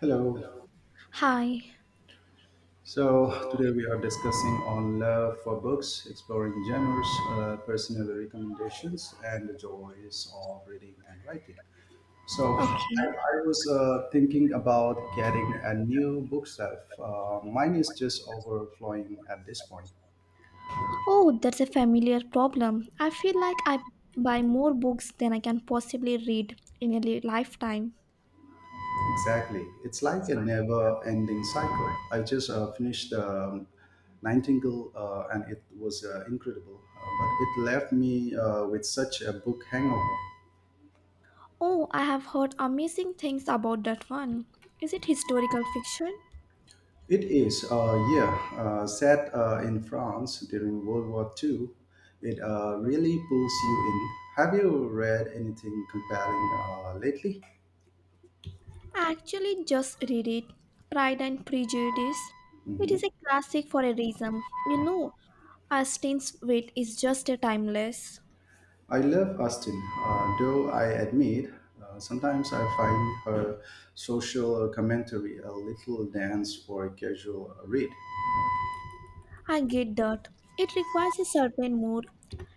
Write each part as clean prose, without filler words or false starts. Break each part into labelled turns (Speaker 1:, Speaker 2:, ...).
Speaker 1: Hello.
Speaker 2: Hi.
Speaker 1: So today we are discussing on love for books, exploring genres, personal recommendations, and the joys of reading and writing. So I,
Speaker 2: Okay.
Speaker 1: I was thinking about getting a new bookshelf. Mine is just overflowing at this point.
Speaker 2: Oh, that's a familiar problem. I feel like I buy more books than I can possibly read in a lifetime.
Speaker 1: Exactly. It's like a never-ending cycle. I just finished Nightingale, and it was incredible, but it left me with such a book hangover.
Speaker 2: Oh, I have heard amazing things about that one. Is it historical fiction?
Speaker 1: It is, yeah, set in France during World War Two. It really pulls you in. Have you read anything compelling lately?
Speaker 2: I actually just read it. Pride and Prejudice. It is
Speaker 1: Hmm.
Speaker 2: a classic for a reason. You know, Austen's wit is just a timeless.
Speaker 1: I love Austen, though I admit sometimes I find her social commentary a little dense for a casual read.
Speaker 2: I get that. It requires a certain mood.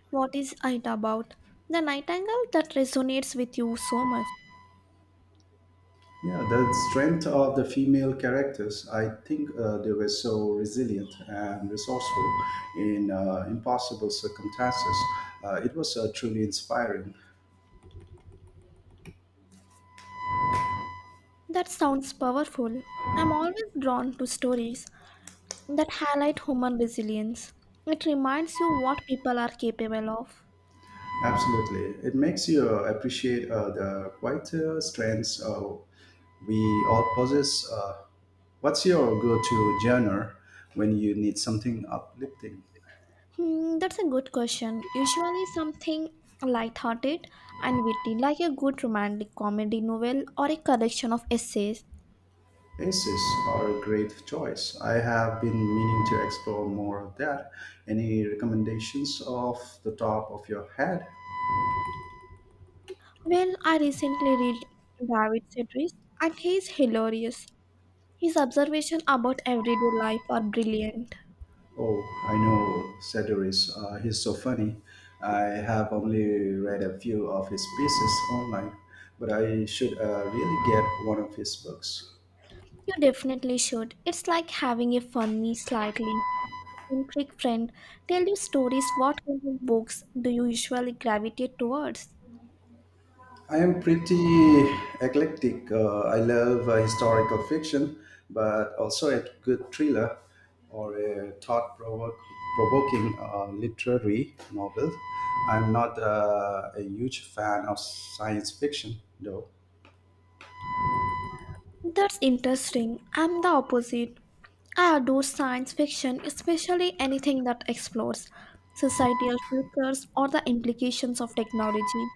Speaker 2: What is it about? The nightingale that resonates with you so much.
Speaker 1: Yeah, the strength of the female characters, I think they were so resilient and resourceful in impossible circumstances. It was truly inspiring.
Speaker 2: That sounds powerful. I'm always drawn to stories that highlight human resilience. It reminds you what people are capable of.
Speaker 1: Absolutely. It makes you appreciate the quieter strengths we all possess. What's your go to genre when you need something uplifting?
Speaker 2: Hmm, that's a good question. Usually something light-hearted and witty, like a good romantic comedy novel or a collection of essays.
Speaker 1: Aces are a great choice. I have been meaning to explore more of that. Any recommendations off the top of your head?
Speaker 2: Well, I recently read David Sedgwick, and he's hilarious. His observations about everyday life are brilliant.
Speaker 1: Oh, I know Sedaris. He's so funny. I have only read a few of his pieces online, but I should really get one of his books.
Speaker 2: You definitely should. It's like having a funny, slightly eccentric friend tell you stories. What kind of books do you usually gravitate towards?
Speaker 1: I am pretty eclectic. I love historical fiction, but also a good thriller or a thought provoking literary novel. I'm not a huge fan of science fiction, though.
Speaker 2: That's interesting. I'm the opposite. I adore science fiction, especially anything that explores societal futures or the implications of technology.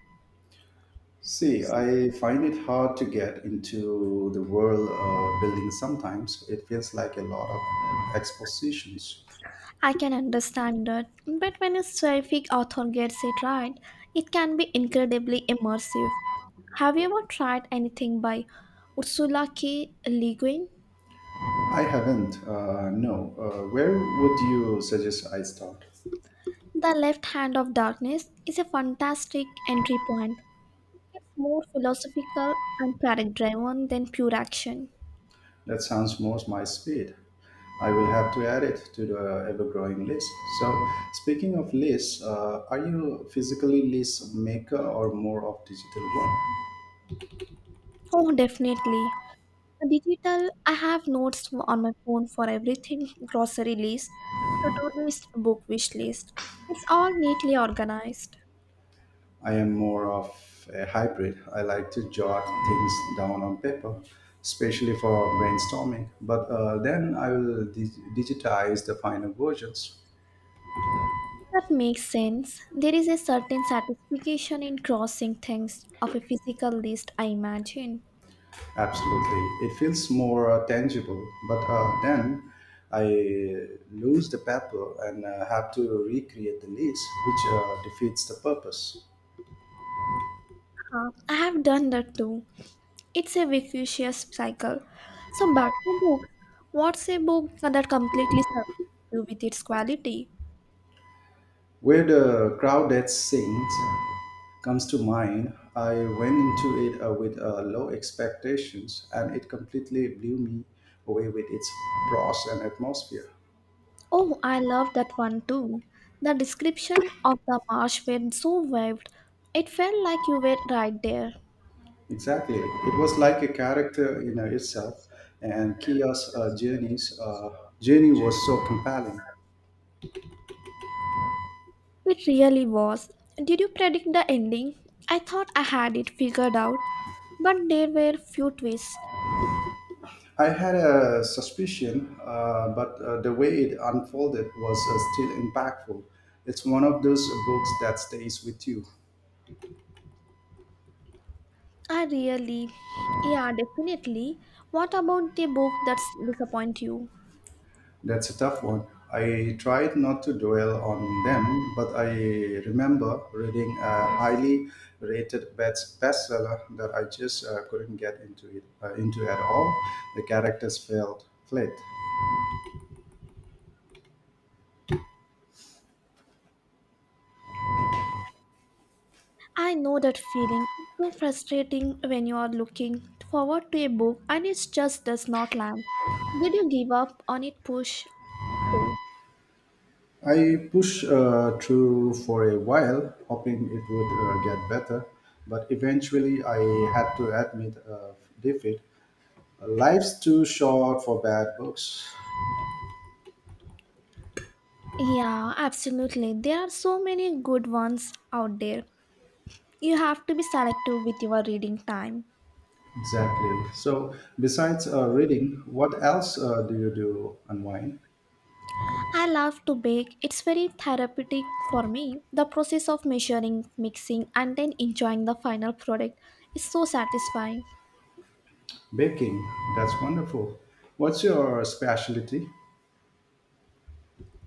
Speaker 1: See, I find it hard to get into the world building sometimes. It feels like a lot of expositions.
Speaker 2: I can understand that, but when a sci-fi author gets it right, it can be incredibly immersive. Have you ever tried anything by Ursula K. Le Guin?
Speaker 1: I haven't, no. Where would you suggest I start?
Speaker 2: The Left Hand of Darkness is a fantastic entry point. It's more philosophical and character driven than pure action.
Speaker 1: That sounds more my speed. I will have to add it to the ever-growing list. So, speaking of lists, are you physically list maker or more of digital one?
Speaker 2: Oh, definitely. Digital, I have notes on my phone for everything: grocery list, to do list, book wish list. It's all neatly organized.
Speaker 1: I am more of a hybrid. I like to jot things down on paper, especially for brainstorming. But then I will digitize the final versions.
Speaker 2: That makes sense. There is a certain satisfaction in crossing things off a physical list, I imagine.
Speaker 1: Absolutely. It feels more tangible, but then I lose the paper and have to recreate the leads, which defeats the purpose.
Speaker 2: I have done that too. It's a vicious cycle. So back to books. What's a book that completely serves you with its quality?
Speaker 1: Where the crowded sings comes to mind. I went into it with low expectations and it completely blew me away with its prose and atmosphere.
Speaker 2: Oh, I love that one too. The description of the marsh were so vivid. It felt like you were right there.
Speaker 1: Exactly. It was like a character in itself, and Kia's journey was so compelling.
Speaker 2: It really was. Did you predict the ending? I thought I had it figured out, but there were few twists.
Speaker 1: I had a suspicion, but the way it unfolded was still impactful. It's one of those books that stays with you.
Speaker 2: I really, yeah, definitely. What about the book that's disappoint you?
Speaker 1: That's a tough one. I tried not to dwell on them, but I remember reading a highly rated bestseller that I just couldn't get into it into at all. The characters felt flat.
Speaker 2: I know that feeling. It's so frustrating when you are looking forward to a book and it just does not land. Did you give up on it? Push through.
Speaker 1: I pushed through for a while, hoping it would get better, but eventually I had to admit defeat. Life's too short for bad books.
Speaker 2: Yeah, absolutely. There are so many good ones out there. You have to be selective with your reading time.
Speaker 1: Exactly. So, besides reading, what else do you do online?
Speaker 2: I love to bake. It's very therapeutic for me. The process of measuring, mixing, and then enjoying the final product is so satisfying.
Speaker 1: Baking. That's wonderful. What's your specialty?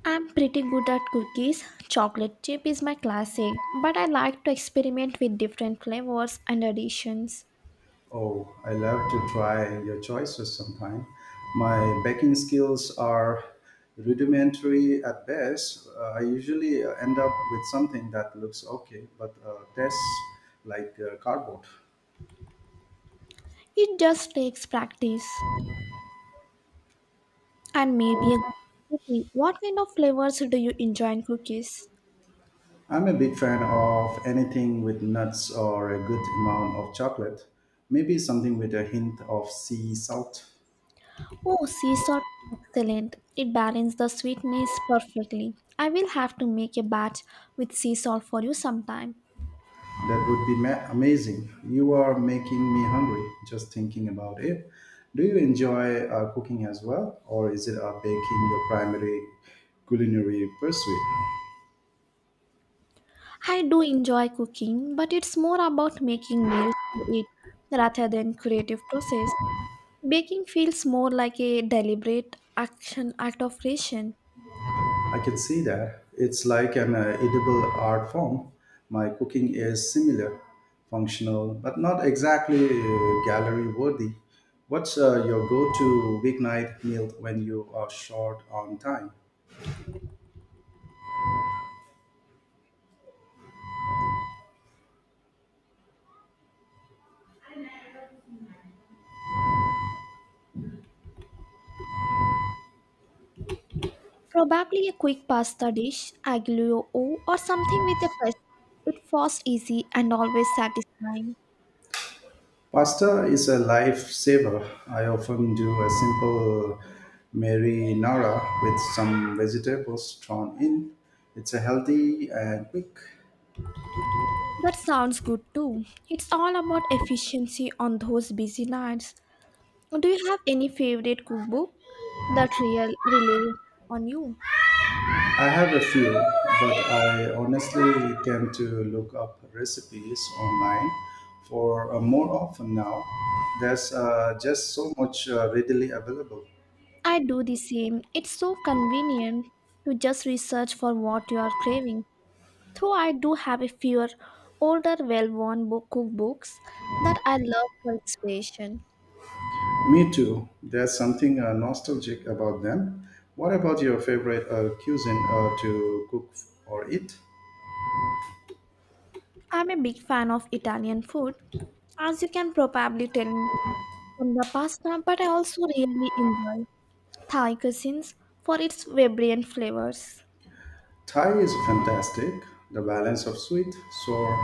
Speaker 2: I'm pretty good at cookies. Chocolate chip is my classic, but I like to experiment with different flavors and additions.
Speaker 1: Oh, I love to try your choices sometime. My baking skills are rudimentary at best. I usually end up with something that looks okay, but tastes like cardboard.
Speaker 2: It just takes practice. And maybe a cookie. What kind of flavors do you enjoy in cookies?
Speaker 1: I'm a big fan of anything with nuts or a good amount of chocolate, maybe something with a hint of sea salt.
Speaker 2: Oh, sea salt, excellent. It balances the sweetness perfectly. I will have to make a batch with sea salt for you sometime.
Speaker 1: That would be amazing. You are making me hungry just thinking about it. Do you enjoy cooking as well, or is it baking your primary culinary pursuit?
Speaker 2: I do enjoy cooking, but it's more about making meals to eat rather than creative process. Baking feels more like a deliberate action act of creation.
Speaker 1: I can see that. It's like an edible art form. My cooking is similar, functional, but not exactly gallery worthy. What's your go to weeknight meal when you are short on time?
Speaker 2: Probably a quick pasta dish, aglio or something with a press. It fast, easy, and always satisfying.
Speaker 1: Pasta is a lifesaver. I often do a simple marinara with some vegetables thrown in. It's a healthy and quick.
Speaker 2: That sounds good too. It's all about efficiency on those busy nights. Do you have any favorite cookbook that real rely on you?
Speaker 1: I have a few, but I honestly tend to look up recipes online for more often now. There's just so much readily available.
Speaker 2: I do the same. It's so convenient to just research for what you are craving. Though I do have a few older, well worn cookbooks that I love for inspiration.
Speaker 1: Me too. There's something nostalgic about them. What about your favorite cuisine to cook or eat?
Speaker 2: I'm a big fan of Italian food, as you can probably tell from the pasta, but I also really enjoy Thai cuisines for its vibrant flavors.
Speaker 1: Thai is fantastic. The balance of sweet, sour,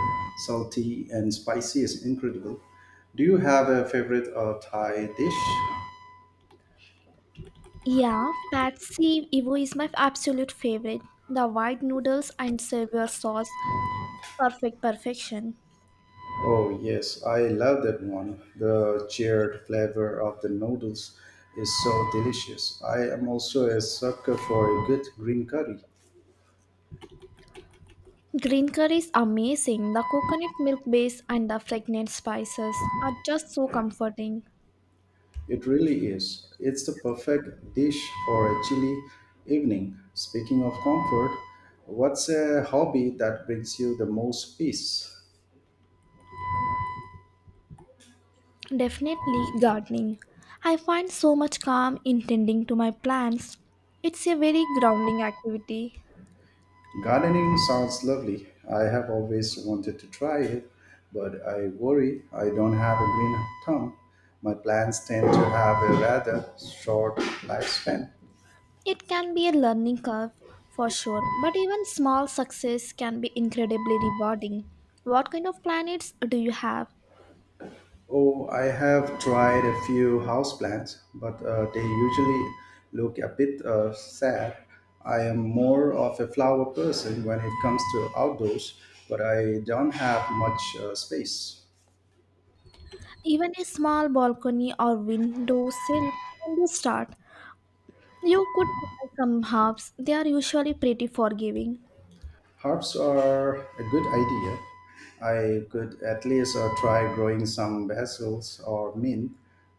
Speaker 1: salty, and spicy is incredible. Do you have a favorite Thai dish?
Speaker 2: Yeah, Patsy Evo is my absolute favorite. The white noodles and savour sauce, perfect perfection.
Speaker 1: Oh, yes, I love that one. The charred flavor of the noodles is so delicious. I am also a sucker for a good green curry.
Speaker 2: Green curry is amazing. The coconut milk base and the fragrant spices are just so comforting.
Speaker 1: It really is. It's the perfect dish for a chilly evening. Speaking of comfort, what's a hobby that brings you the most peace?
Speaker 2: Definitely gardening. I find so much calm in tending to my plants. It's a very grounding activity.
Speaker 1: Gardening sounds lovely. I have always wanted to try it, but I worry I don't have a green thumb. My plants tend to have a rather short lifespan.
Speaker 2: It can be a learning curve for sure, but even small success can be incredibly rewarding. What kind of planets do you have?
Speaker 1: Oh, I have tried a few houseplants, but they usually look a bit sad. I am more of a flower person when it comes to outdoors, but I don't have much space.
Speaker 2: Even a small balcony or windowsill can be a start. You could try some herbs, they are usually pretty forgiving.
Speaker 1: Herbs are a good idea. I could at least try growing some basil or mint.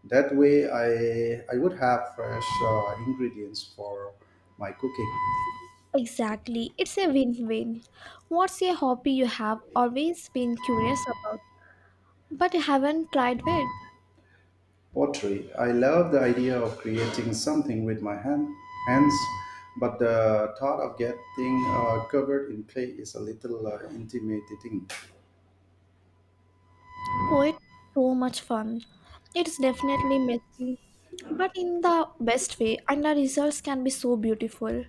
Speaker 1: That way, I would have fresh ingredients for my cooking.
Speaker 2: Exactly, it's a win win. What's a hobby you have always been curious about, but you haven't tried yet?
Speaker 1: Pottery. I love the idea of creating something with my hands, but the thought of getting covered in clay is a little intimidating.
Speaker 2: Poet, so much fun. It's definitely messy, but in the best way, and the results can be so beautiful.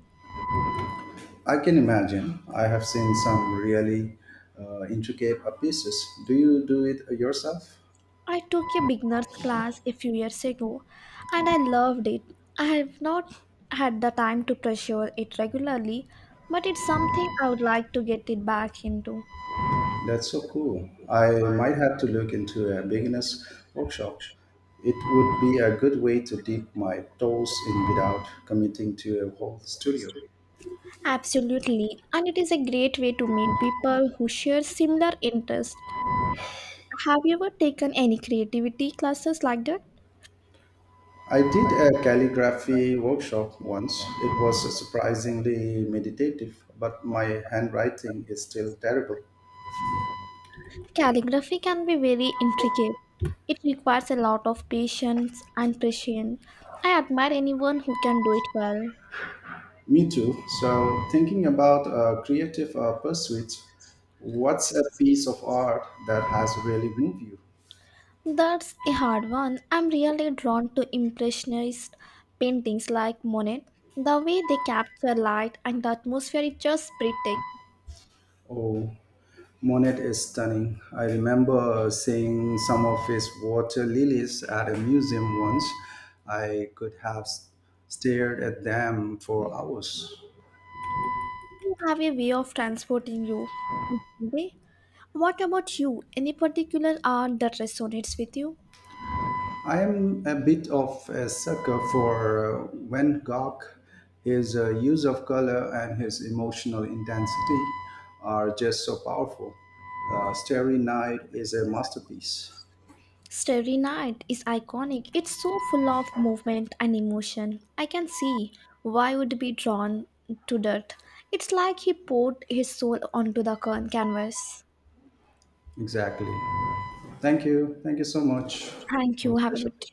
Speaker 1: I can imagine. I have seen some really intricate pieces. Do you do it yourself?
Speaker 2: I took a beginner's class a few years ago and I loved it. I have not had the time to pursue it regularly, but it's something I would like to get it back into.
Speaker 1: That's so cool. I might have to look into a beginner's workshop. It would be a good way to dip my toes in without committing to a whole studio.
Speaker 2: Absolutely, and it is a great way to meet people who share similar interests. Have you ever taken any creativity classes like that?
Speaker 1: I did a calligraphy workshop once. It was surprisingly meditative, but my handwriting is still terrible.
Speaker 2: Calligraphy can be very intricate. It requires a lot of patience and precision. I admire anyone who can do it well.
Speaker 1: Me too. So, thinking about creative pursuits, what's a piece of art that has really moved you?
Speaker 2: That's a hard one. I'm really drawn to impressionist paintings like Monet. The way they capture light and the atmosphere is just breathtaking.
Speaker 1: Oh, Monet is stunning. I remember seeing some of his water lilies at a museum once. I could have stared at them for hours.
Speaker 2: You have a way of transporting you. They- What about you? Any particular art that resonates with you?
Speaker 1: I am a bit of a sucker for Van Gogh. His use of color and his emotional intensity are just so powerful. Starry Night is a masterpiece.
Speaker 2: Starry Night is iconic. It's so full of movement and emotion. I can see why would be drawn to that. It's like he poured his soul onto the canvas.
Speaker 1: Exactly. Thank you. Thank you so much
Speaker 2: Thank
Speaker 1: for the
Speaker 2: you. Have a
Speaker 1: session.
Speaker 2: good